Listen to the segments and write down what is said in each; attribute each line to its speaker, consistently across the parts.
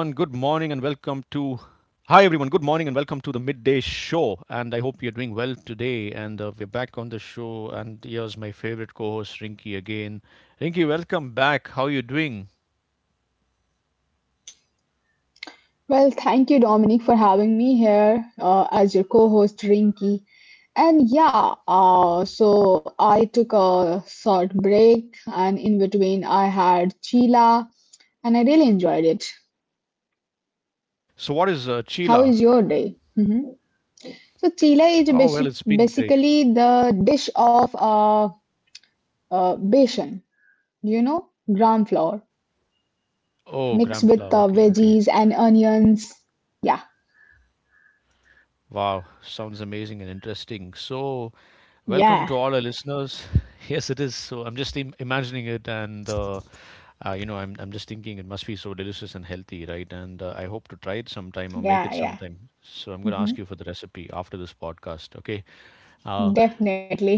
Speaker 1: And welcome to. Hi, everyone. Good morning and welcome to the midday show. And I hope you're doing well today. And we're back on the show. And here's my favorite co host, Rinky, again. Rinky, welcome back. How are you doing?
Speaker 2: Well, thank you, Dominic, for having me here as your co-host, Rinky. So I took a short break, and in between, I had Chila, and I really enjoyed it.
Speaker 1: So, what is
Speaker 2: How is
Speaker 1: Chila?
Speaker 2: your day? So chila is
Speaker 1: Oh, well, it's been great.
Speaker 2: basically the dish of besan, you know, gram flour
Speaker 1: Oh,
Speaker 2: mixed with
Speaker 1: Gramfla. Okay, okay.
Speaker 2: veggies and onions. Yeah,
Speaker 1: Wow, sounds amazing and interesting. So, welcome
Speaker 2: yeah,
Speaker 1: to all our listeners. Yes, it is. So, I'm just imagining it, and you know, I'm just thinking it must be so delicious and healthy, right? And I hope to try it sometime or make it
Speaker 2: yeah, yeah.
Speaker 1: sometime. So I'm going to
Speaker 2: hmm
Speaker 1: ask you for the recipe after this podcast, okay? Uh,
Speaker 2: Definitely.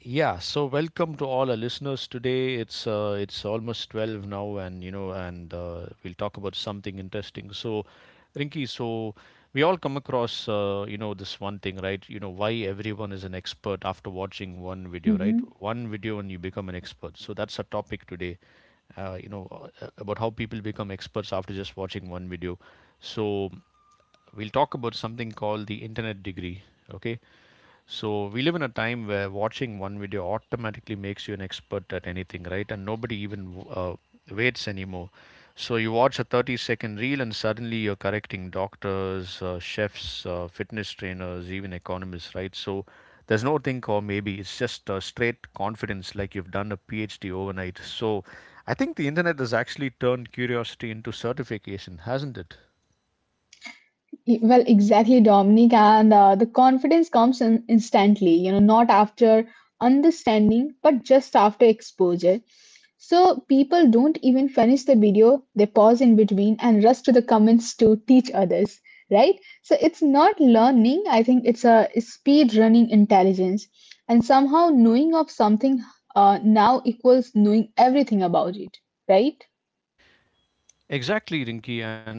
Speaker 1: yeah, so welcome to all our listeners today. It's almost 12 now, and you know, and we'll talk about something interesting. So Rinky, so we all come across you know, this one thing, right? You know why everyone is an expert after watching one video, right? One video and you become an expert. So that's our topic today. You know about how people become experts after just watching one video. So we'll talk about something called the internet degree, okay? So we live in a time where watching one video automatically makes you an expert at anything, right? And nobody even waits anymore. So you watch a 30-second reel and suddenly you're correcting doctors, chefs, fitness trainers, even economists, right? So there's no think, or maybe it's just straight confidence, like you've done a PhD overnight. So I think the internet has actually turned curiosity into certification, hasn't it?
Speaker 2: Well, exactly, Dominic. And the confidence comes in instantly, you know, not after understanding, but just after exposure. So people don't even finish the video, they pause in between and rush to the comments to teach others, right? So it's not learning, I think it's a speed running intelligence. And somehow knowing of something now equals knowing everything about it, right?
Speaker 1: Exactly, Rinki. And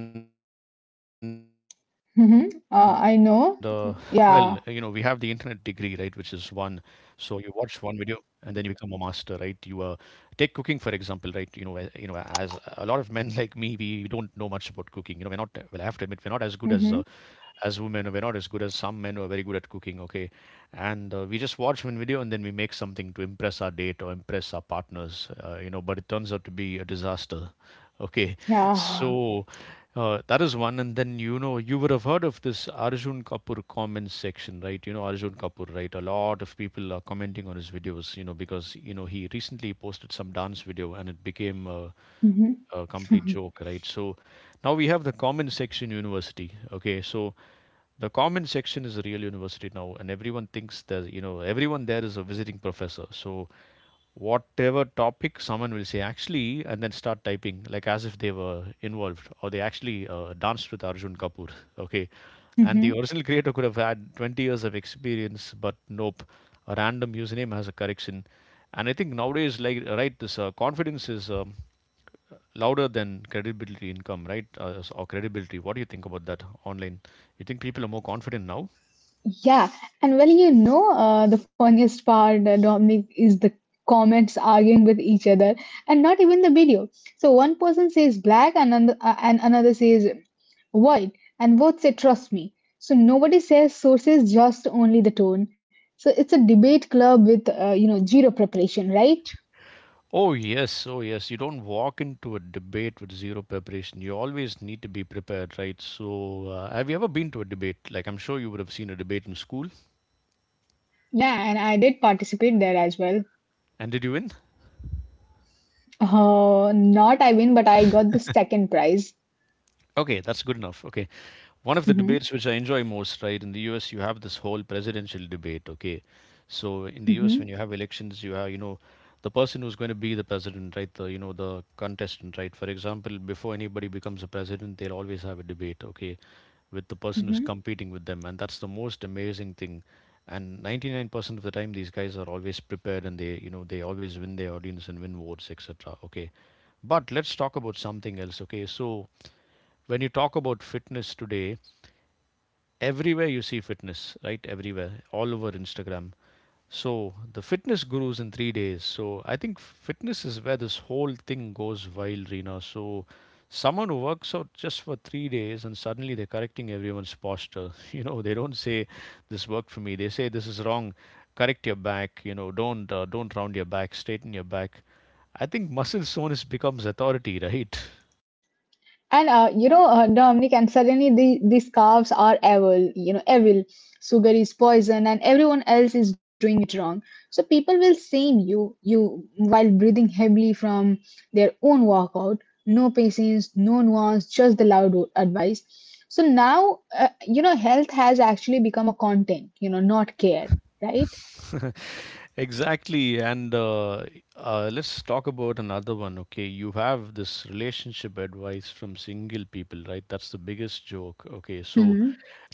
Speaker 1: internet
Speaker 2: Mm-hmm.
Speaker 1: degree, right? Which
Speaker 2: I
Speaker 1: is one.
Speaker 2: know.
Speaker 1: So you
Speaker 2: Yeah.
Speaker 1: watch one video and then you become a master, right? You take cooking for example, right? You know, as a lot of men like me, we don't know much about cooking. You know, we're not. Well, I have to admit, we're not as good
Speaker 2: Mm-hmm.
Speaker 1: as women. We're not as good as some men who are very good at cooking, okay, and we just watch one video and then we make something to impress our date or impress our partners, but it turns out to be a disaster, okay.
Speaker 2: Yeah.
Speaker 1: So that is one. And then, you know, you would have heard of this Arjun Kapoor comment section, right? You know Arjun Kapoor, right? A lot of people are commenting on his videos, you know, because, you know, he recently posted some dance video and it became
Speaker 2: Mhm.
Speaker 1: a complete joke, right? So now we have the common section university. Okay, so the common section is a real university now, and everyone thinks that, you know, everyone there is a visiting professor. So whatever topic, someone will say actually, and then start typing like as if they were involved or they actually danced with Arjun Kapoor. Okay, and the
Speaker 2: Mhm.
Speaker 1: original creator could have had 20 years of experience, but nope, a random username has a correction. And I think nowadays, like, right, this confidence is louder than credibility income, right? Or credibility. What do you think about that online? You think people are more confident now?
Speaker 2: Yeah, and well, you know, the funniest part, Dominic, is the comments arguing with each other, and not even the video. So one person says black, and another says white, and both say trust me. So nobody says sources, just only the tone. So it's a debate club with you know zero preparation, right?
Speaker 1: Oh, yes. Oh, yes. You don't walk into a debate with zero preparation. You always need to be prepared, right? So, have you ever been to a debate? Like, I'm sure you would have seen a debate in school.
Speaker 2: Yeah, and I did participate there as well.
Speaker 1: And did you win?
Speaker 2: Not I win, but I got the second prize.
Speaker 1: Okay, that's good enough. Okay. One of the
Speaker 2: Mm-hmm.
Speaker 1: debates which I enjoy most, right, in the US, you have this whole presidential debate, okay? So in the US, when
Speaker 2: Mm-hmm.
Speaker 1: you have elections, you have, you know, the person who's going to be the president, right, the, you know, the contestant, right? For example, before anybody becomes a president, they'll always have a debate, okay, with the person who's
Speaker 2: Mm-hmm.
Speaker 1: competing with them. And that's the most amazing thing. And 99% of the time, these guys are always prepared, and they, you know, they always win their audience and win votes, etc., okay? But let's talk about something else, okay? So, when you talk about fitness today, everywhere you see fitness, right? Everywhere, all over Instagram. So the fitness gurus in 3 days. So I think fitness is where this whole thing goes wild, Rina. So someone who works out just for 3 days and suddenly they're correcting everyone's posture. You know, they don't say this worked for me. They say this is wrong. Correct your back. You know, don't round your back. Straighten your back. I think muscle soreness becomes authority, right?
Speaker 2: And you know, Dominic, and suddenly these calves are evil, you know, evil. Sugar is poison, and everyone else is doing it wrong. So people will shame you while breathing heavily from their own workout. No patience, no nuance, just the advice. So now, you know, health has actually become a content, you know, not care, right?
Speaker 1: Exactly. And let's talk about another one. Okay. You have this relationship advice from single people, right? That's the biggest joke. Okay. So,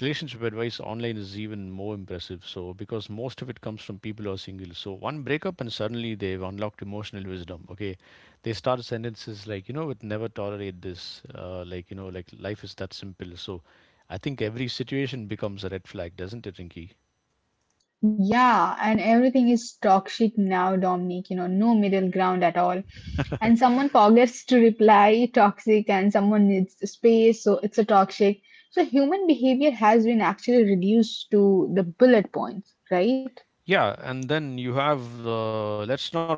Speaker 1: relationship advice online is even more impressive. So, because most of it comes from people who are single. So, one breakup and suddenly they've unlocked emotional wisdom. Okay. They start sentences like, you know, with never tolerate this. Like, you know, like life is that simple. So, I think every situation becomes a red flag, doesn't it, Rinky?
Speaker 2: Yeah, and everything is toxic now, Dominic, you know, no middle ground at all. And someone forgets to reply toxic, and someone needs space, so it's a toxic. So human behavior has been actually reduced to the bullet points, right?
Speaker 1: Yeah, and then you have let's not forget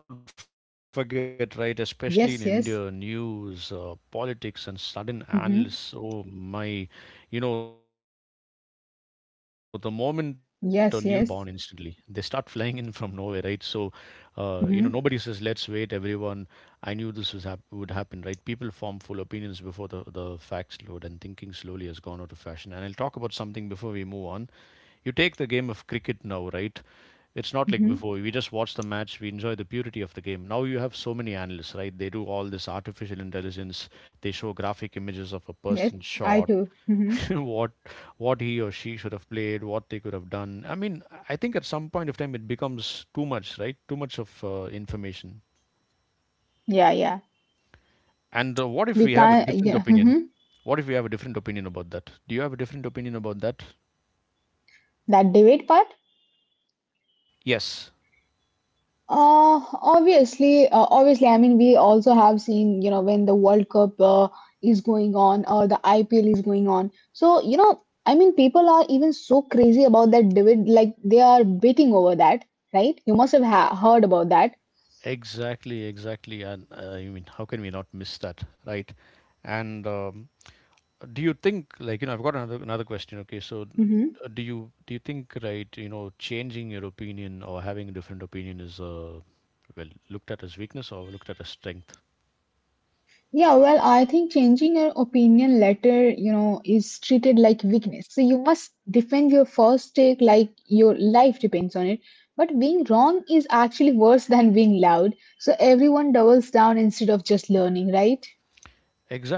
Speaker 1: news,
Speaker 2: Yes, yes.
Speaker 1: politics, and sudden analysis. Oh my!
Speaker 2: Mm-hmm.
Speaker 1: You know, the moment a news story breaks, Rinky, you know, right, what happens. So analysts are
Speaker 2: Yes,
Speaker 1: born
Speaker 2: yes.
Speaker 1: instantly. They start flying in from nowhere, right? So, you
Speaker 2: Mm-hmm.
Speaker 1: know, nobody says, "Let's wait, everyone." I knew this was would happen, right? People form full opinions before the facts load, and thinking slowly has gone out of fashion. And I'll talk about something before we move on. You take the game of cricket now, right? It's not like
Speaker 2: Mm-hmm.
Speaker 1: before. We just watch the match, we enjoy the purity of the game. Now you have so many analysts, right? They do all this artificial intelligence. They show graphic images of a
Speaker 2: Yes,
Speaker 1: person's
Speaker 2: I
Speaker 1: shot,
Speaker 2: too. Mm-hmm.
Speaker 1: what he or she should have played, what they could have done. I mean, I think at some point of time it becomes too much, right? Too much of information.
Speaker 2: Yeah, yeah.
Speaker 1: And what if
Speaker 2: We
Speaker 1: we have a
Speaker 2: can't,
Speaker 1: different
Speaker 2: yeah.
Speaker 1: opinion?
Speaker 2: Mm-hmm.
Speaker 1: What if we have a different opinion about that? Do you have a different opinion about that?
Speaker 2: That debate part.
Speaker 1: Yes,
Speaker 2: Obviously, I mean, we also have seen, you know, when the World Cup is going on or the IPL is going on. So, you know, I mean, people are even so crazy about that David, like they are betting over that, right? You must have ha heard about that.
Speaker 1: exactly, exactly. And you mean, how can we not miss that, right? And do you think, like, you know, I've got another question, okay? So do you think, right, you know, changing your opinion or having a different opinion is well looked at as weakness or looked at as strength?
Speaker 2: Yeah, well, I think changing your opinion later, you know, is treated like weakness. So you must defend your first take like your life depends on it. But being wrong is actually worse than being loud. So everyone doubles down instead of just learning, right?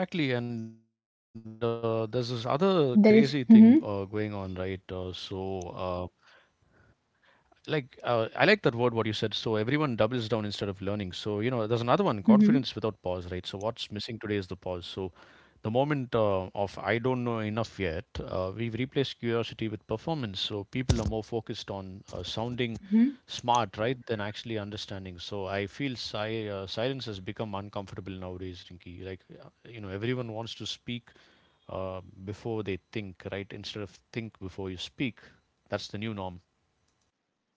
Speaker 1: Exactly, and
Speaker 2: There is. Mm-hmm.
Speaker 1: that, so I like that word what you said. So everyone doubles down instead of learning. So you know there's another one, confidence
Speaker 2: mm-hmm,
Speaker 1: without pause, right? So what's missing today is the pause. So the moment of I don't know enough yet, we've replaced curiosity with performance. So people are more focused on sounding smart, right, than actually understanding. So I feel silence has become uncomfortable nowadays, Rinky. Like, you know, everyone wants to speak before they think, right, instead of think before you speak. That's the new norm.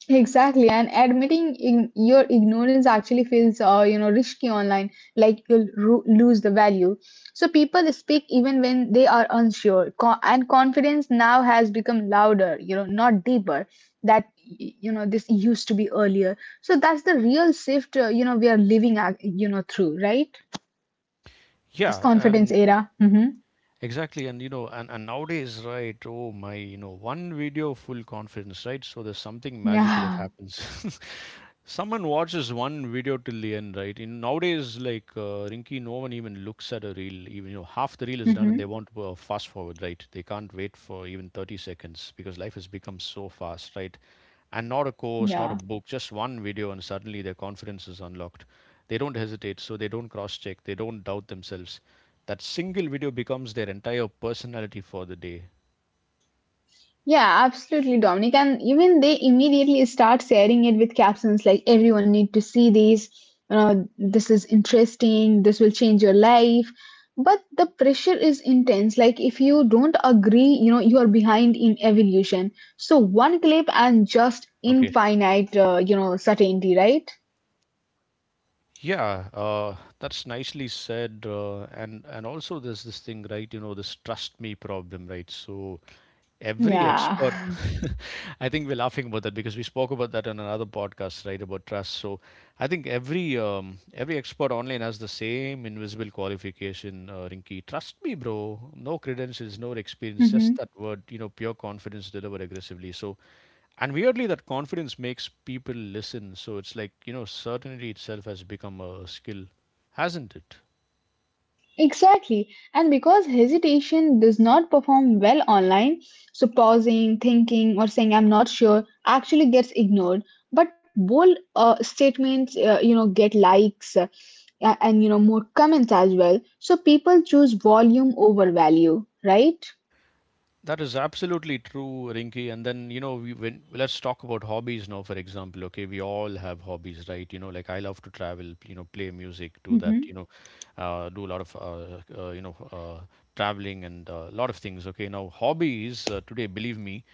Speaker 2: Exactly, and admitting your ignorance actually feels, you know, risky online. Like you'll lose the value. So people speak even when they are unsure, and confidence now has become louder. You know, not deeper. That you know this used to be earlier. So that's the real shift. You know, we are living, you know, through right this
Speaker 1: Yeah,
Speaker 2: confidence
Speaker 1: and
Speaker 2: era.
Speaker 1: exactly, and you know, and nowadays, right? Oh my, you know, one video, full confidence, right? So there's something magical that
Speaker 2: Yeah.
Speaker 1: happens. Someone watches one video till the end, right? In nowadays, like Rinky, no one even looks at a reel. Even, you know, half the reel is done and they
Speaker 2: hmm
Speaker 1: want to fast forward, right? They can't wait for even 30 seconds because life has become so fast, right? And not a course, not a
Speaker 2: Yeah.
Speaker 1: book, just one video, and suddenly their confidence is unlocked. They don't hesitate, so they don't cross-check, they don't doubt themselves. That single video becomes their entire personality for the day.
Speaker 2: Yeah, absolutely, Dominic. And even they immediately start sharing it with captions like everyone need to see these, this is interesting, this will change your life. But the pressure is intense. Like if you don't agree, you know, you are behind in evolution. So one clip and just
Speaker 1: Okay.
Speaker 2: infinite, you know, certainty, right?
Speaker 1: Yeah, that's nicely said, and also there's this thing, right? You know, this trust me problem, right? So every expert,
Speaker 2: Yeah.
Speaker 1: I think we're laughing about that because we spoke about that on another podcast, right? About trust. So I think every expert online has the same invisible qualification, Rinky. Trust me, bro. No credentials, no experience, just that word. You know, pure confidence, deliver aggressively. So and weirdly, that confidence makes people listen. So it's like, you know, certainty itself has become a skill, hasn't it?
Speaker 2: Exactly. And because hesitation does not perform well online, so pausing, thinking, or saying I'm not sure actually gets ignored. But bold statements, you know, get likes and you know, more comments as well. So people choose volume over value, right?
Speaker 1: That is absolutely true, Rinky. And then, you know, we when let's talk about hobbies now, for example. Okay, we all have hobbies, right? You know, like I love to travel, you know, play music, do that, you
Speaker 2: Mm-hmm,
Speaker 1: know, do a lot of, you know, traveling and a lot of things. Okay, now hobbies today, believe me,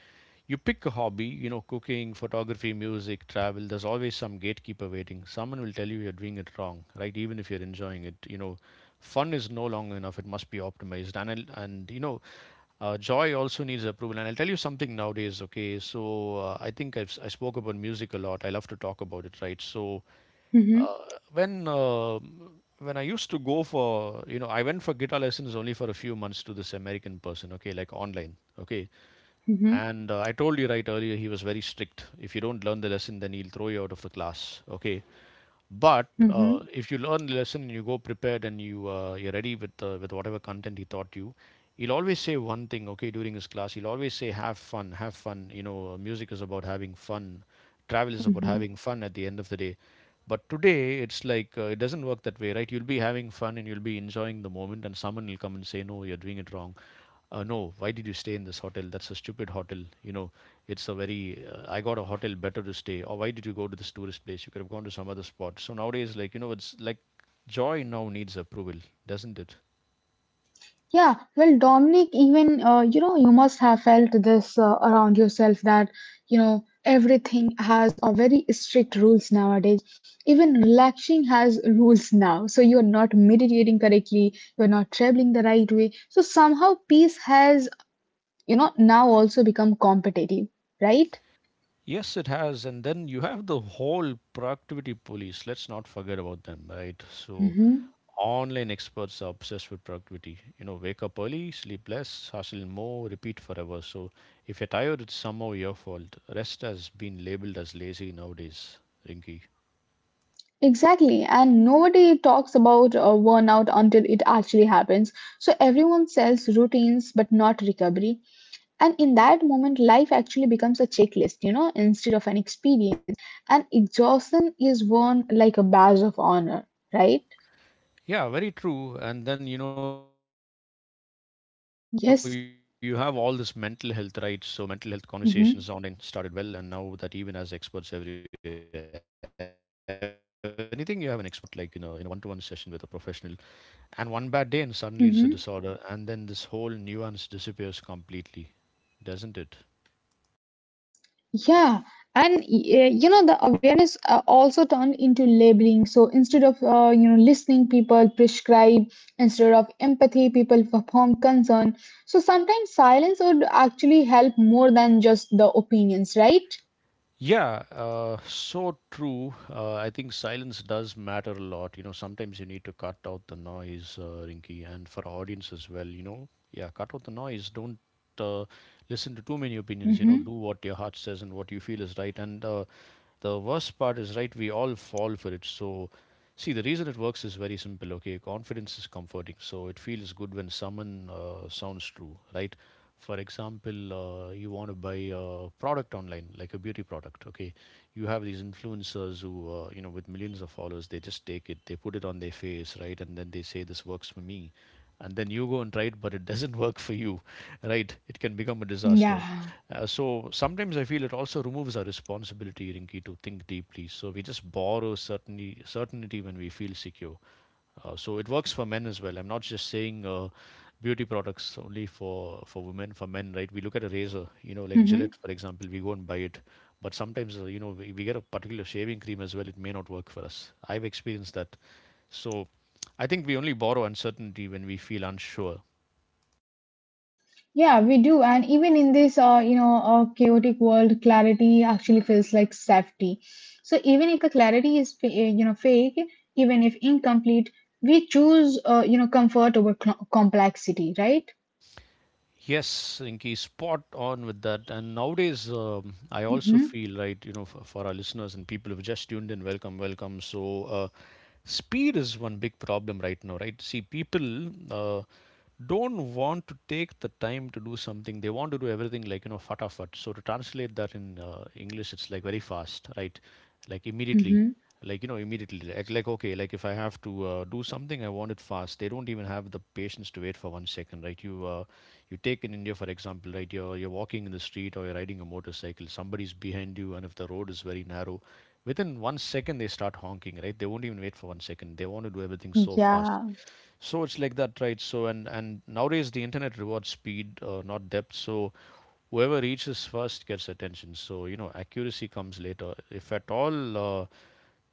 Speaker 1: you pick a hobby, you know, cooking, photography, music, travel, there's always some gatekeeper waiting. Someone will tell you you're doing it wrong, right? Even if you're enjoying it, you know, fun is no longer enough. It must be optimized. And you know, joy also needs approval. And I'll tell you something nowadays, okay? So I think I've, si spoke about music a lot. I love to talk about it, right? So
Speaker 2: mm-hmm,
Speaker 1: uh, when I used to go for, you know, I went for guitar lessons only for a few months to this American person, okay, like online, okay.
Speaker 2: mm-hmm,
Speaker 1: And I told you right earlier, he was very strict. If you don't learn the lesson, then he'll throw you out of the class. Okay. But
Speaker 2: mm-hmm,
Speaker 1: if you learn the lesson and you go prepared and you're ready with whatever content he taught you, he'll always say one thing. Okay, during his class, he'll always say, "Have fun, have fun." You know, music is about having fun. Travel is about
Speaker 2: mm-hmm.
Speaker 1: having fun. At the end of the day, but today it's like it doesn't work that way, right? You'll be having fun and you'll be enjoying the moment, and someone will come and say, "No, you're doing it wrong." No, why did you stay in this hotel? That's a stupid hotel, you know. It's a very I got a hotel better to stay, or why did you go to this tourist place? You could have gone to some other spot. So nowadays, like, you know, it's like joy now needs approval, doesn't it?
Speaker 2: Yeah, well, Dominic, even you know, you must have felt this around yourself that you know everything has a very strict rules nowadays. Even relaxing has rules now. So you're not meditating correctly, you're not traveling the right way. So somehow peace has you know now also become competitive, right?
Speaker 1: Yes, it has. And then you have the whole productivity police. Let's not forget about them, right? So
Speaker 2: hmm
Speaker 1: online experts are obsessed with productivity. You know, wake up early, sleep less, hustle more, repeat forever. So if you're tired, it's somehow your fault. Rest has been labeled as lazy nowadays, Rinky.
Speaker 2: Exactly, and nobody talks about burnout until it actually happens. So everyone sells routines, but not recovery. And in that moment, life actually becomes a checklist, you know, instead of an experience. And exhaustion is worn like a badge of honor, right?
Speaker 1: Yeah, very true. And then, you know, all the mental health, right? So mental health
Speaker 2: Yes.
Speaker 1: conversations online started well, and now that even has
Speaker 2: Mm-hmm.
Speaker 1: experts everywhere. So people diagnose strangers in comment sections nowadays. You know, not like in a one-to-one session with a professional. And one bad day, and suddenly it's a
Speaker 2: Mm-hmm.
Speaker 1: disorder. And then this whole nuance disappears completely, doesn't it?
Speaker 2: Yeah. And you know, the awareness also turned into labeling. So instead of you know listening, people prescribe. Instead of empathy, people perform concern. So sometimes silence would actually help more than just the opinions, right?
Speaker 1: Yeah, so true. I think silence does matter a lot. You know, sometimes you need to cut out the noise, Rinky, and for our audience as well, you know, yeah, cut out the noise. Don't uh, listen to too many opinions. You know,
Speaker 2: Mm-hmm.
Speaker 1: do what your heart says and what you feel is right. And The worst part is, right, we all fall for it. So, see, the reason it works is very simple, okay? Confidence is comforting. So, it feels good when someone sounds true, right? For example, you want to buy a product online like a beauty product, okay. You have these influencers who you know, with millions of followers, they just take it, they put it on their face, right? And then they say, "This works for me." And then you go and try it, but it doesn't work for you, right? It can become a disaster.
Speaker 2: Yeah.
Speaker 1: So sometimes I feel it also removes our responsibility, Rinki, to think deeply. So we just borrow certainty, certainty when we feel secure. So it works for men as well. I'm not just saying, beauty products only for women. For men, right? We look at a razor, you know, like
Speaker 2: Mm-hmm.
Speaker 1: Gillette, for example. We go and buy it, but sometimes you know, we get a particular shaving cream as well. It may not work for us. I've experienced that. So I think we only borrow uncertainty when we feel unsure.
Speaker 2: Yeah, we do. And even in this, you know, chaotic world, clarity actually feels like safety. So even if the clarity is, you know, fake, even if incomplete, we choose, you know, comfort over complexity, right?
Speaker 1: Yes, Rinki, spot on with that. And nowadays, I also
Speaker 2: Mm-hmm.
Speaker 1: feel right, you know, for our listeners and people who've just tuned in, welcome, welcome. So, speed is one big problem right now, right? See, people don't want to take the time to do something. They want to do everything like, you know, fatafat. So to translate that in English, it's like very fast, right? Like immediately,
Speaker 2: Mm-hmm.
Speaker 1: like, you know, immediately, like okay, like, if I have to do something, I want it fast. They don't even have the patience to wait for 1 second, right? You take in India, for example, right? You're walking in the street or you're riding a motorcycle, somebody's behind you, and if the road is very narrow, within 1 second they start honking, right? They won't even wait for 1 second. They want to do everything so fast.
Speaker 2: Yeah.
Speaker 1: So it's like that, right? So and nowadays the internet rewards speed, not depth. So whoever reaches first gets attention. So, you know, accuracy comes later, if at all.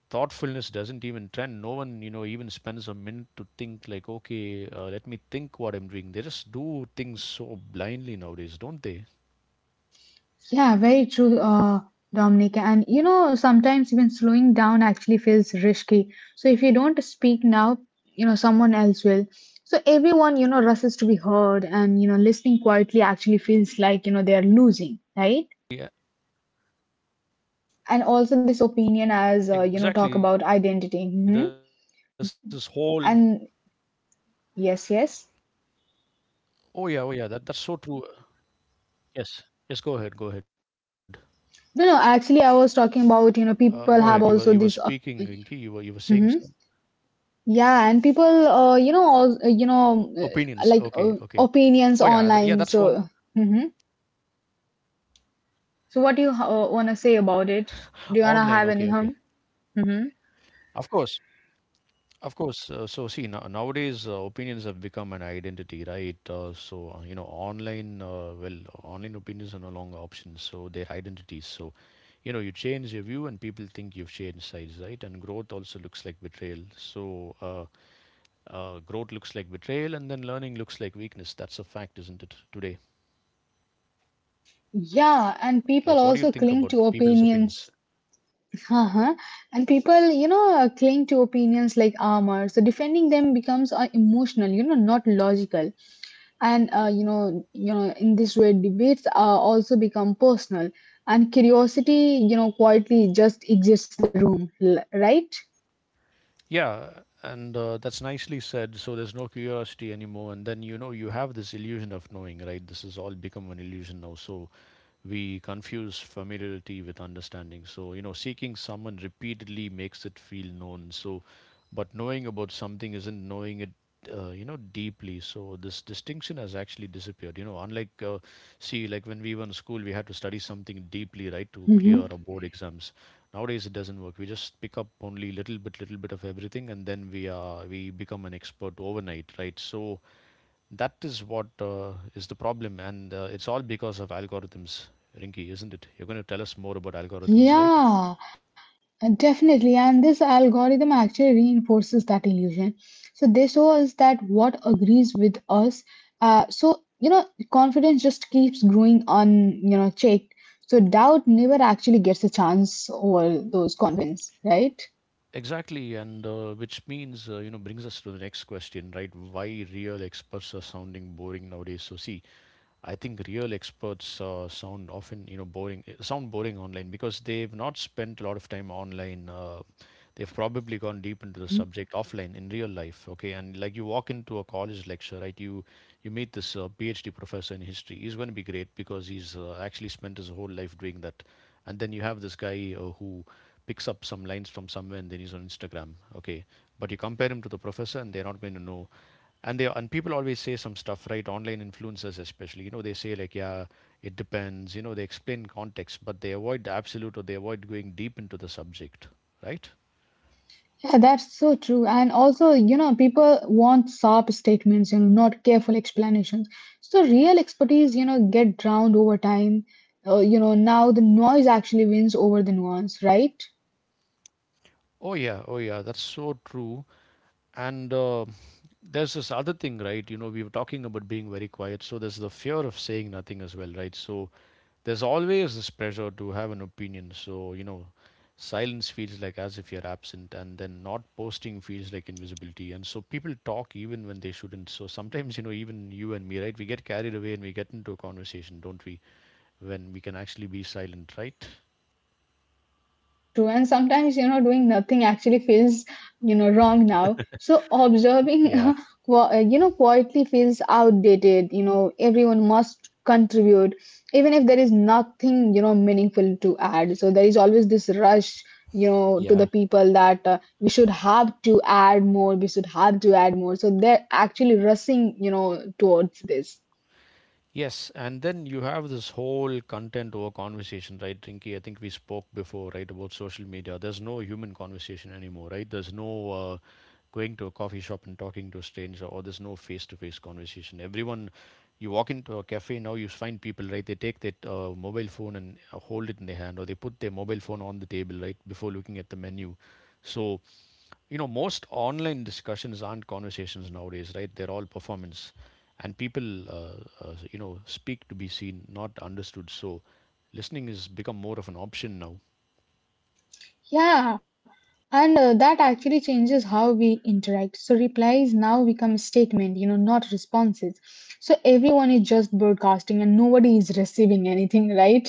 Speaker 1: Thoughtfulness doesn't even trend. No one, you know, even spends a minute to think like, okay, let me think what I'm doing. They just do things so blindly nowadays, don't they?
Speaker 2: Yeah, very true, Dominic. And you know, sometimes even slowing down actually feels risky. So if you don't speak now, you know, someone else will. So everyone, you know, rushes to be heard, and you know, listening quietly actually feels like you know they are losing, right?
Speaker 1: Yeah.
Speaker 2: And also this opinion, as you know, talk about identity. And yes, yes.
Speaker 1: Oh yeah. Oh yeah. That's so true.
Speaker 2: No, no.
Speaker 1: Go
Speaker 2: Actually, I
Speaker 1: ahead. You
Speaker 2: was
Speaker 1: were you were
Speaker 2: talking about you know
Speaker 1: speaking,
Speaker 2: people
Speaker 1: Rinky.
Speaker 2: have
Speaker 1: You were
Speaker 2: also
Speaker 1: you were
Speaker 2: this.
Speaker 1: saying some
Speaker 2: Mhm. Yeah, and people, you know, all,
Speaker 1: opinions.
Speaker 2: you
Speaker 1: Okay.
Speaker 2: know,
Speaker 1: Okay. Oh
Speaker 2: like
Speaker 1: yeah. Yeah. That's one
Speaker 2: opinions online. So, hmm so, what do you want to say about it? Do you want
Speaker 1: online.
Speaker 2: to
Speaker 1: Okay.
Speaker 2: have any
Speaker 1: Okay.
Speaker 2: hum? hmm
Speaker 1: Of course. Of course. So see, now nowadays opinions have become an identity, right? You know, online, well, online opinions are no longer options. So they're identities. So you know, you change your view, and people think you've changed sides, right? And growth also looks like betrayal. So growth looks like betrayal, and then learning looks like weakness. That's a fact, isn't it? Today,
Speaker 2: yeah, and people
Speaker 1: like, what
Speaker 2: also
Speaker 1: do you think
Speaker 2: cling to
Speaker 1: about people's
Speaker 2: opinions.
Speaker 1: opinions?
Speaker 2: Uh-huh. And people, you know, cling to opinions like armor. So defending them becomes emotional, you know, not logical. And you know in this way debates also become personal. And curiosity you know quietly just exits the room right.
Speaker 1: Yeah, and that's nicely said. So there's no curiosity anymore, and then you know you have this illusion of knowing, right? This has all become an illusion now. So we confuse familiarity with understanding. So, you know, seeking someone repeatedly makes it feel known. So, but knowing about something isn't knowing it, you know, deeply. So, this distinction has actually disappeared. You know, unlike, see, like when we were in school, we had to study something deeply, right, to clear
Speaker 2: hmm
Speaker 1: our board exams. Nowadays, it doesn't work. We just pick up only little bit of everything, and then we become an expert overnight, right? So, that is what is the problem, and it's all because of algorithms, Rinky, isn't it? You're going to tell us more about algorithms, right?
Speaker 2: yeah, definitely, and this algorithm actually reinforces that illusion. So they show us that what agrees with us, so you know confidence just keeps growing on you know checked. So doubt never actually gets a chance over those confidence, right?
Speaker 1: Exactly, and which means, you know, brings us to the next question, right? Why real experts are sounding boring nowadays. So, see, I think real experts sound often, you know, boring. Sound boring online because they've not spent a lot of time online. They've probably gone deep into the subject offline in real life. Okay, and like you walk into a college lecture, right? You meet this PhD professor in history. He's going to be great because he's actually spent his whole life doing that. And then you have this guy who picks up some lines from somewhere and then he's on Instagram. Okay, but you compare him to the professor, and they're not going to know. And people always say some stuff, right? Online influencers especially, you know, they say like, yeah, it depends, you know, they explain context, but they avoid the absolute, or they avoid going deep into the subject, right?
Speaker 2: Yeah, that's so true. And also, you know, people want sharp statements, you know, not careful explanations. So real expertise, you know, get drowned over time. You know, now the noise actually wins over the nuance, right?
Speaker 1: Oh yeah. Oh yeah. That's so true. And There's this other thing, right? You know, we were talking about being very quiet, so there's the fear of saying nothing as well, right? So there's always this pressure to have an opinion, so you know, silence feels like as if you're absent, and then not posting
Speaker 2: hmm
Speaker 1: feels like invisibility. And so people talk even when they shouldn't. So sometimes, you know, even you and me, right, we get carried away and we get into a conversation, don't we? When we can actually be silent, right?
Speaker 2: Very true. And sometimes, you know, doing nothing actually feels, you know, wrong now. So observing,
Speaker 1: Yeah.
Speaker 2: you know, quietly feels outdated. You know, everyone must contribute, even if there is nothing, you know, meaningful to add. So there is always this rush, you know, to the
Speaker 1: Yeah.
Speaker 2: people that we should have to add more, we should have to add more. So they're actually rushing, you know, towards this.
Speaker 1: Yes, and then you have this whole content over conversation, right, Rinky? I think we spoke before, right, about social media. There's no human conversation anymore, right? There's no going to a coffee shop and talking to a stranger, or there's no face-to-face conversation. Everyone, you walk into a cafe now, you find people, right? They take that mobile phone and hold it in their hand, or they put their mobile phone on the table, right, before looking at the menu. So, most online discussions aren't conversations nowadays, right? They're all performance. And people, speak to be seen, not understood. So listening has become more of an option now.
Speaker 2: Yeah, and that actually changes how we interact. So replies now become statement, you know, not responses. So everyone is just broadcasting and nobody is receiving anything, right?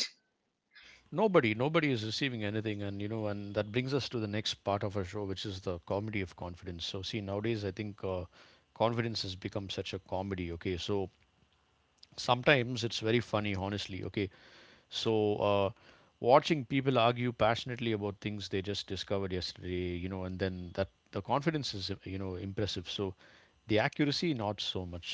Speaker 1: Nobody is receiving anything. And and that brings us to the next part of our show, which is the comedy of confidence. So see, nowadays I think, confidence has become such a comedy. Okay, so sometimes it's very funny, honestly. Okay. So, watching people argue passionately about things they just discovered yesterday, and then that the confidence is, impressive. So, the accuracy, not so much.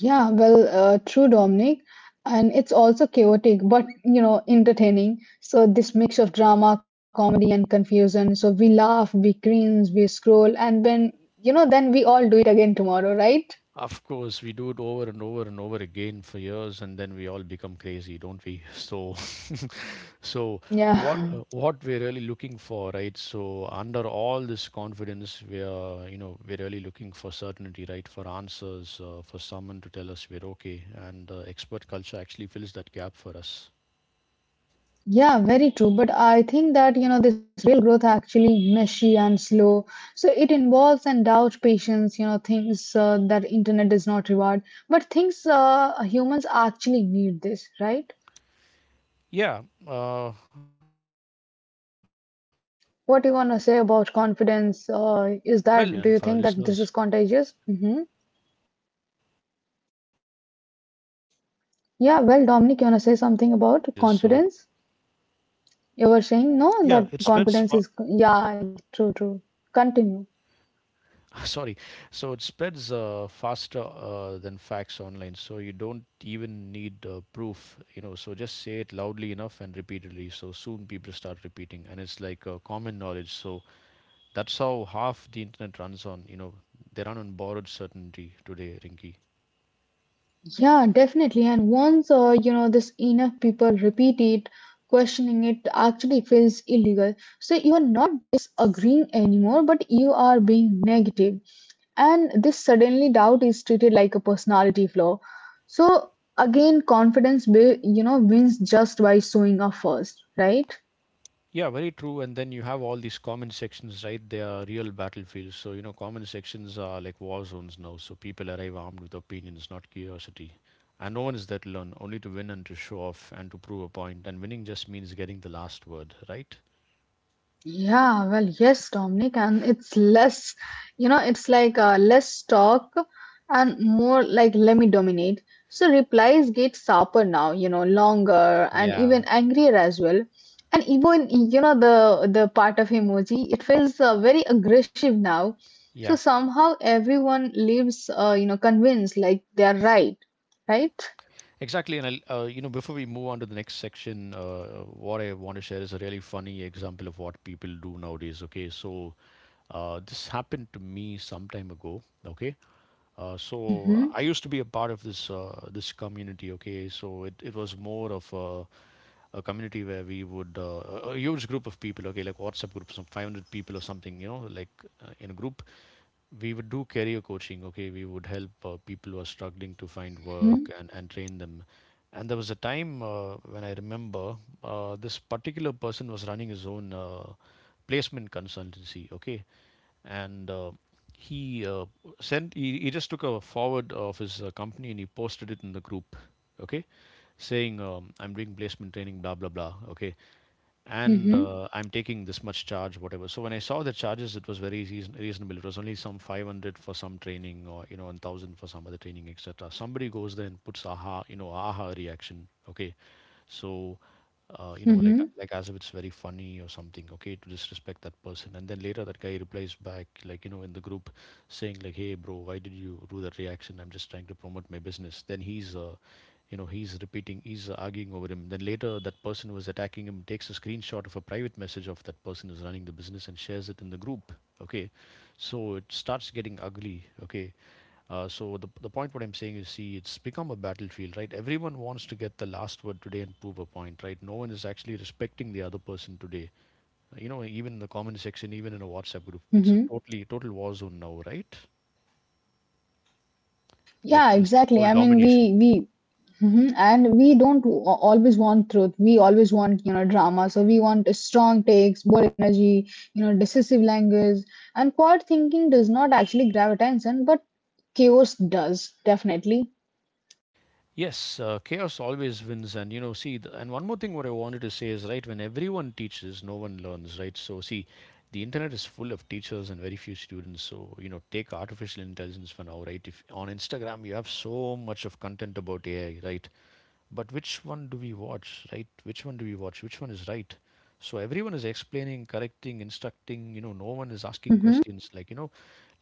Speaker 2: Yeah, well, true, Dominic. And it's also chaotic, but you know, entertaining. So this mix of drama, comedy, and confusion. So we laugh, we cringe, we scroll, and then you know, then we all do it again tomorrow, right?
Speaker 1: Of course, we do it over and over and over again for years, and then we all become crazy, don't we? So, so what uh,
Speaker 2: Yeah.
Speaker 1: what we're really looking for, right? So, under all this confidence, we are, we're really looking for certainty, right? For answers, for someone to tell us we're okay, and expert culture actually fills that gap for us.
Speaker 2: Yeah, very true. But I think that, you know, this real growth actually messy and slow. So it involves and doubts patience, you know, things that internet does not reward. But things humans actually need this, right?
Speaker 1: Yeah, well, uh,
Speaker 2: What do you want
Speaker 1: also
Speaker 2: to say
Speaker 1: feel
Speaker 2: about
Speaker 1: sometimes,
Speaker 2: confidence?
Speaker 1: Rinky, and for
Speaker 2: Is
Speaker 1: our
Speaker 2: that, do you
Speaker 1: listeners,
Speaker 2: think that this is contagious?
Speaker 1: I was about to say that thanks for
Speaker 2: Yeah, well,
Speaker 1: reminding me.
Speaker 2: Dominic,
Speaker 1: It
Speaker 2: you want to
Speaker 1: is
Speaker 2: say
Speaker 1: contagious,
Speaker 2: something
Speaker 1: so
Speaker 2: about confidence? You were saying,
Speaker 1: yeah,
Speaker 2: no,
Speaker 1: it
Speaker 2: that
Speaker 1: spreads.
Speaker 2: confidence is, yeah, true, true. Continue.
Speaker 1: Sorry, so it spreads faster than facts online. So you don't even need proof. So just say it loudly enough and repeatedly. So soon people start repeating, and it's like common knowledge. So that's how half the internet runs on. They run on borrowed certainty today, Rinky.
Speaker 2: Yeah, definitely. And once, you know, this enough people repeat it, questioning it actually feels illegal. So you are not disagreeing anymore, but you are being negative. And this suddenly doubt is treated like a personality flaw. So again, confidence, you know, wins just by showing up first, right?
Speaker 1: Yeah, very true. And then you have all these comment sections, right? They are real battlefields. So, comment sections are like war zones now. So people arrive armed with opinions, not curiosity. And no one is there to learn, only to win and to show off and to prove a point. And winning just means getting the last word, right?
Speaker 2: Yeah, well, yes, Dominic, and it's less, you know, it's like less talk and more like let me dominate. So replies get sharper now, you know, longer and
Speaker 1: Yeah,
Speaker 2: even angrier as well. And even, you know, the part of emoji, it feels very aggressive now.
Speaker 1: yeah,
Speaker 2: So somehow everyone leaves, you know, convinced like they're right, right?
Speaker 1: exactly. And I'll, before we move on to the next section, what I want to share is a really funny example of what people do nowadays. Okay, so this happened to me some time ago. Okay. So
Speaker 2: Mm-hmm,
Speaker 1: I used to be a part of this community. Okay, so it was more of a community where we would, a huge group of people. Okay, like WhatsApp group, some 500 people or something. In a group, we would do career coaching. Okay, we would help people who are struggling to find
Speaker 2: mm-hmm,
Speaker 1: work and train them. And there was a time when I remember, this particular person was running his own placement consultancy. Okay. And he, he just took a forward of his company and he posted it in the group. Okay, saying, "I'm doing placement training, blah blah blah." Okay, and
Speaker 2: mm-hmm,
Speaker 1: "I'm taking this much charge," whatever. So when I saw the charges, it was very reasonable. It was only some 500 for some training, or 1,000 for some other training, etc. Somebody goes there and puts "aha," "aha" reaction. Okay. So like
Speaker 2: mm-hmm,
Speaker 1: like as if it's very funny or something. Okay, to disrespect that person, and then later that guy replies back, like, in the group, saying, like, "Hey, bro, why did you do that reaction? I'm just trying to promote my business." Then he's, he's repeating, he's arguing over him. Then later that person who was attacking him takes a screenshot of a private message of that person who's running the business and shares it in the group. Okay, so it starts getting ugly. Okay. So the point what I'm saying is, see, it's become a battlefield, right? Everyone wants to get the last word today and prove a point, right? No one is actually respecting the other person today. Even in the comment section, even in a WhatsApp group, it's
Speaker 2: mm-hmm.
Speaker 1: a totally total war zone now, right?
Speaker 2: Yeah,
Speaker 1: Like this
Speaker 2: exactly.
Speaker 1: whole
Speaker 2: I mean, we
Speaker 1: domination.
Speaker 2: we Mhm. And we don't always want truth. We always want, you know, drama. So we want strong takes, bold energy, you know, decisive language. And quiet thinking does not actually grab attention, but chaos does, definitely.
Speaker 1: Yes, chaos always wins. And see, and one more thing what I wanted to say is right: when everyone teaches, no one learns, right? So, see, the internet is full of teachers and very few students. So, take artificial intelligence for now, right? If on Instagram you have so much of content about AI, right? But which one do we watch, right? Which one do we watch? Which one is right? So everyone is explaining, correcting, instructing, no one is asking
Speaker 2: hmm
Speaker 1: questions, like,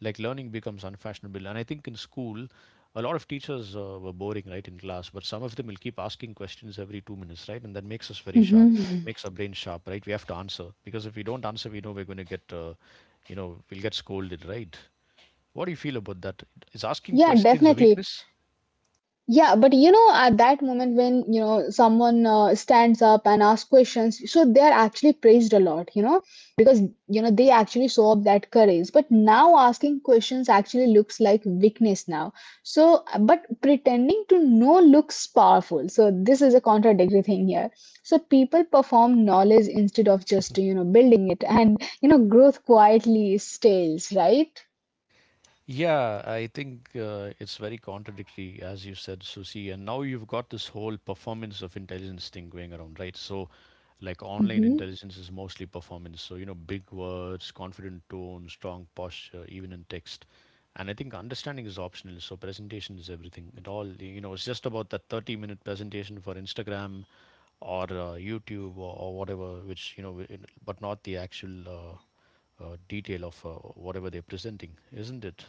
Speaker 1: like learning becomes unfashionable. And I think in school, a lot of teachers were boring, right, in class, but some of them will keep asking questions every 2 minutes, right? And that makes us very sharp. It
Speaker 2: hmm
Speaker 1: makes our brain sharp, right? We have to answer because if we don't answer, we know we're going to get, we'll get scolded, right? What do you feel about that? Is asking
Speaker 2: Yeah,
Speaker 1: questions a
Speaker 2: definitely.
Speaker 1: weakness?
Speaker 2: Yeah, but you know, at that moment when you know someone stands up and asks questions, so they are actually praised a lot, you know, because you know they actually show up that courage. But now asking questions actually looks like weakness now. So, but pretending to know looks powerful. So this is a contradictory thing here. So people perform knowledge instead of just building it, and growth quietly stales, right?
Speaker 1: Yeah, I think it's very contradictory, as you said, Susie. And now you've got this whole performance of intelligence thing going around, right? So, like, online
Speaker 2: Mm-hmm.
Speaker 1: intelligence is mostly performance. So, big words, confident tone, strong posture, even in text. And I think understanding is optional. So, presentation is everything. It all, it's just about that 30-minute presentation for Instagram or, YouTube, or whatever, which, but not the actual, detail of whatever they're presenting, isn't it?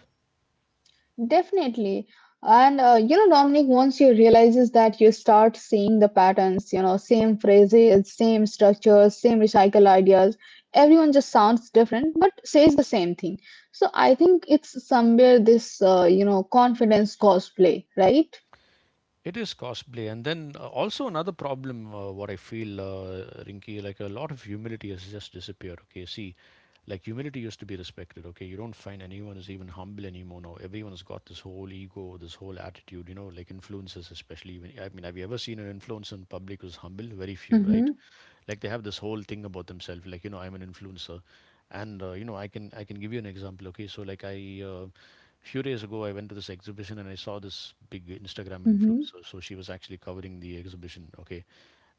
Speaker 2: Definitely. And you know, Dominic, once you realizes that you start seeing the patterns, you know, same phrases, same structures, same recycle ideas, everyone just sounds different but says the same thing. So I think it's somewhere this, you know, confidence cosplay, right?
Speaker 1: It is costly, and then also another problem. What I feel, Rinky, like a lot of humility has just disappeared. Okay, see, like humility used to be respected. Okay, you don't find anyone is even humble anymore. Now everyone's got this whole ego, this whole attitude, like influencers especially. Even, I mean, have you ever seen an influencer in public who's humble? Very few,
Speaker 2: Mm-hmm,
Speaker 1: right? Like they have this whole thing about themselves, like, I'm an influencer. And I can give you an example. Okay, so, like, I few days ago I went to this exhibition and I saw this big Instagram
Speaker 2: mm-hmm,
Speaker 1: influencer. So she was actually covering the exhibition. Okay.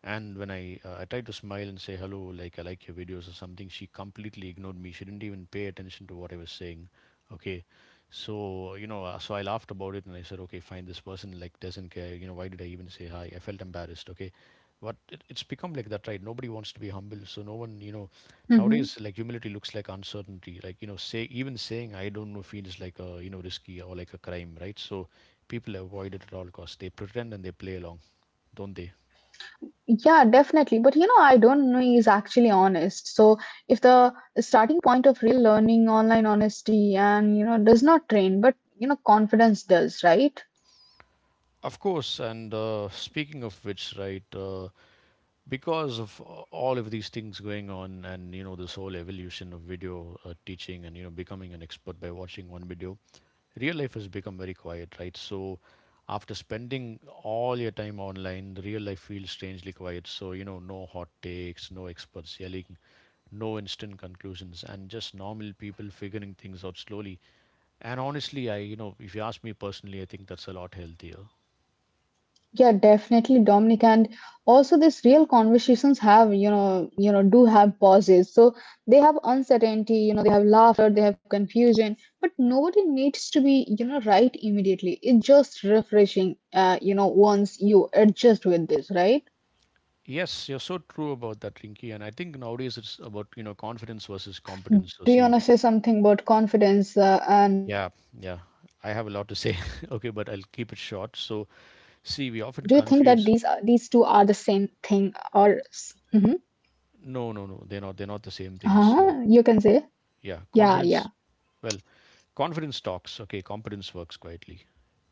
Speaker 1: And when I tried to smile and say hello, like "I like your videos" or something, she completely ignored me. She didn't even pay attention to what I was saying. Okay, so so I laughed about it and I said, okay, fine, this person, like, doesn't care. Why did I even say hi? I felt embarrassed. Okay. But it's become like that, right? Nobody wants to be humble, so no one,
Speaker 2: mm-hmm.
Speaker 1: nowadays, like, humility looks like uncertainty. Like, say, even saying "I don't know" feels like a risky, or like a crime, right? So people avoid it at all costs. They pretend and they play along, don't they?
Speaker 2: Yeah, definitely. But you know, I don't know is actually honest. So if the starting point of real learning, online honesty, and you know, does not train, but you know, confidence does, right?
Speaker 1: Of course. And speaking of which, right, because of all of these things going on, and, this whole evolution of video teaching, and becoming an expert by watching one video, real life has become very quiet, right? So, after spending all your time online, the real life feels strangely quiet. So, no hot takes, no experts yelling, no instant conclusions, and just normal people figuring things out slowly. And honestly, I, if you ask me personally, I think that's a lot healthier.
Speaker 2: Yeah, definitely, Dominic. And also these real conversations have, do have pauses. So they have uncertainty, you know, they have laughter, they have confusion, but nobody needs to be, you know, right immediately. It's just refreshing, you know, once you adjust with this, right?
Speaker 1: Yes, you're so true about that, Rinky. And I think nowadays it's about, confidence versus competence. So
Speaker 2: Do you
Speaker 1: see,
Speaker 2: want to
Speaker 1: we,
Speaker 2: say something about confidence and
Speaker 1: yeah, yeah,
Speaker 2: competence that,
Speaker 1: I have a lot to
Speaker 2: you
Speaker 1: say.
Speaker 2: know,
Speaker 1: Okay,
Speaker 2: do
Speaker 1: but
Speaker 2: you
Speaker 1: I'll
Speaker 2: think
Speaker 1: keep it
Speaker 2: that
Speaker 1: short.
Speaker 2: these are,
Speaker 1: So
Speaker 2: these two are
Speaker 1: see,
Speaker 2: the
Speaker 1: we often
Speaker 2: same
Speaker 1: confuse.
Speaker 2: thing or, mm-hmm,
Speaker 1: No, no, no, they're not. They're not the
Speaker 2: uh-huh, you
Speaker 1: same
Speaker 2: can
Speaker 1: things.
Speaker 2: say,
Speaker 1: So
Speaker 2: yeah, yeah.
Speaker 1: yeah, confidence. Well, confidence talks. Okay, competence works quietly.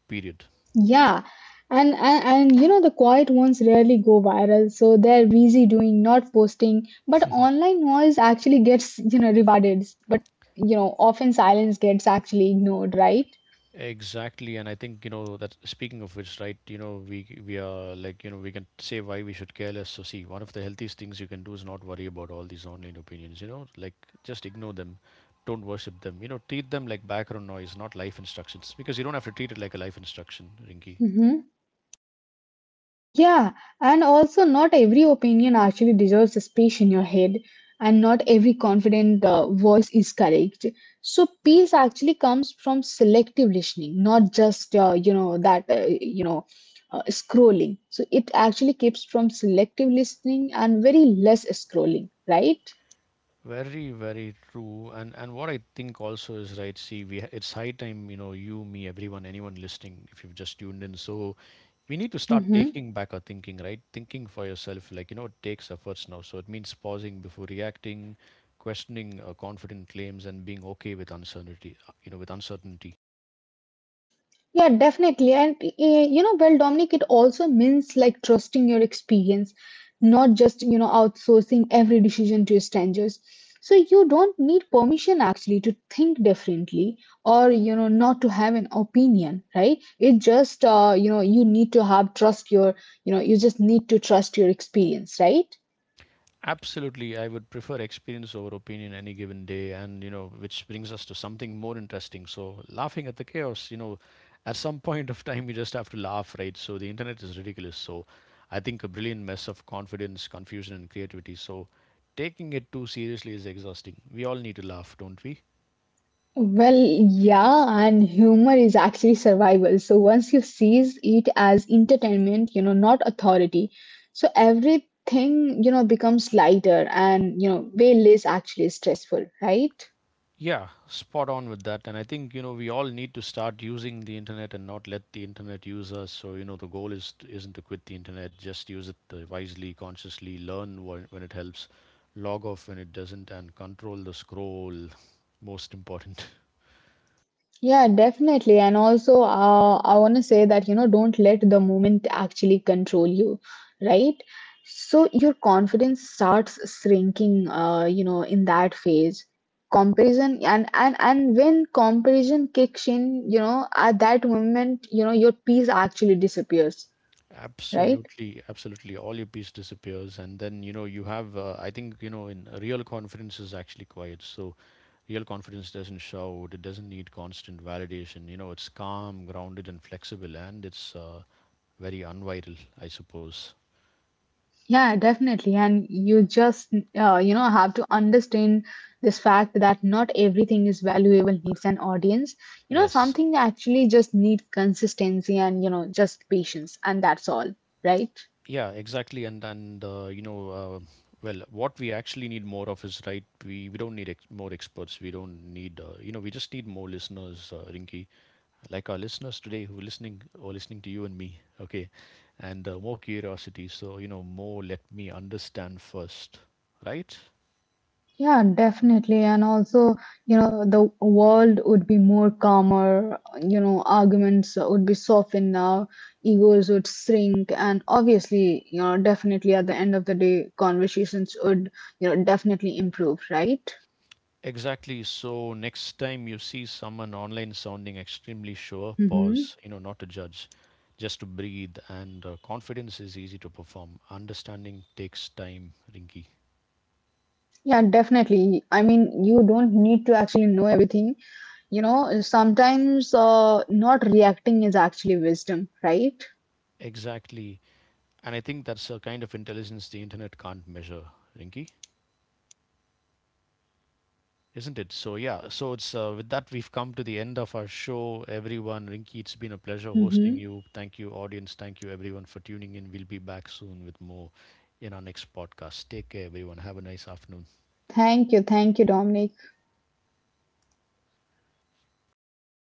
Speaker 1: Period.
Speaker 2: Yeah, and you know the quiet ones rarely go viral, so they're busy doing, not posting. But online noise actually gets you know rewarded, but you know often silence gets actually ignored, right?
Speaker 1: Exactly, and I think that. Speaking of which, right? We are, like, we can say why we should care less. So see, one of the healthiest things you can do is not worry about all these online opinions. Like just ignore them, don't worship them. Treat them like background noise, not life instructions, because you don't have to treat it like a life instruction, Rinky.
Speaker 2: Mm-hmm. Yeah, and also not every opinion actually deserves a space in your head, and not every confident voice is correct. So peace actually comes from selective listening, not just you know that you know scrolling. So it actually keeps from selective listening and very less scrolling, right?
Speaker 1: Very, very true. And what I think also is right. See, we, it's high time, you, me, everyone, anyone listening. If you've just tuned in, so we need to start
Speaker 2: Mm-hmm.
Speaker 1: taking back our thinking, right? Thinking for yourself, like, it takes efforts now. So it means pausing before reacting, questioning confident claims, and being okay with uncertainty. You know, with uncertainty.
Speaker 2: Yeah, definitely. And you know, well, Dominic, it also means like trusting your experience, not just, you know, outsourcing every decision to strangers. So you don't need permission actually to think differently or, you know, not to have an opinion, right? It just, you know, you need to have trust your, you know, you just need to trust your experience, right?
Speaker 1: Absolutely, I would prefer experience over opinion any given day, and, which brings us to something more interesting. So, laughing at the chaos, at some point of time, you just have to laugh, right? So, the internet is ridiculous. So, I think a brilliant mess of confidence, confusion, and creativity. So, taking it too seriously is exhausting. We all need to laugh, don't we?
Speaker 2: Well, yeah, and humor is actually survival. So once you seize it as entertainment, you know, not authority, so everything, you know, becomes lighter and, you know, way less actually stressful, right?
Speaker 1: Yeah, spot on with that. And I think, we all need to start using the internet and not let the internet use us. So, the goal is to, isn't to quit the internet, just use it wisely, consciously, learn when, it helps, log off when it doesn't, and control the scroll. Most important.
Speaker 2: Yeah, definitely. And also, I want to say that, you know, don't let the moment actually control you, right? So your confidence starts shrinking, you know, in that phase. Comparison and when comparison kicks in, you know, at that moment, you know, your peace actually disappears, right?
Speaker 1: Absolutely, absolutely. All your peace disappears, and then you have. I think in real confidence is actually quiet. So real confidence doesn't shout. It doesn't need constant validation. You know it's calm, grounded, and flexible, and it's very unviral, I suppose.
Speaker 2: Yeah, definitely. And you just you know have to understand this fact that not everything is valuable needs an audience. You know
Speaker 1: Yes.
Speaker 2: something actually just need consistency and you know just patience, and that's all, right?
Speaker 1: Yeah, exactly. And well, what we actually need more of is right. We don't need ex more experts. We don't need. We just need more listeners, Rinky, like our listeners today who are listening or listening to you and me. Okay, and more curiosity. So, more "let me understand first," right?
Speaker 2: Yeah, definitely. And also, you know, the world would be more calmer, you know, arguments would be softened now, egos would shrink, and obviously, you know, definitely at the end of the day, conversations would, you know, definitely improve, right?
Speaker 1: Exactly. So next time you see someone online sounding extremely sure,
Speaker 2: Mm-hmm.
Speaker 1: pause, not to judge, just to breathe. And confidence is easy to perform. Understanding takes time, Rinky.
Speaker 2: Yeah, definitely. I mean, you don't need to actually know everything. You know, sometimes not reacting is actually wisdom, right?
Speaker 1: Exactly. And I think that's a kind of intelligence the internet can't measure, Rinky, isn't it? So, yeah. So, it's with that, we've come to the end of our show, everyone. Rinky, it's been a pleasure hosting
Speaker 2: Mm-hmm.
Speaker 1: you. Thank you, audience. Thank you, everyone, for tuning in. We'll be back soon with more in our next podcast. Take care, everyone. Have a nice afternoon.
Speaker 2: Thank you. Thank you, Dominic.
Speaker 1: Wow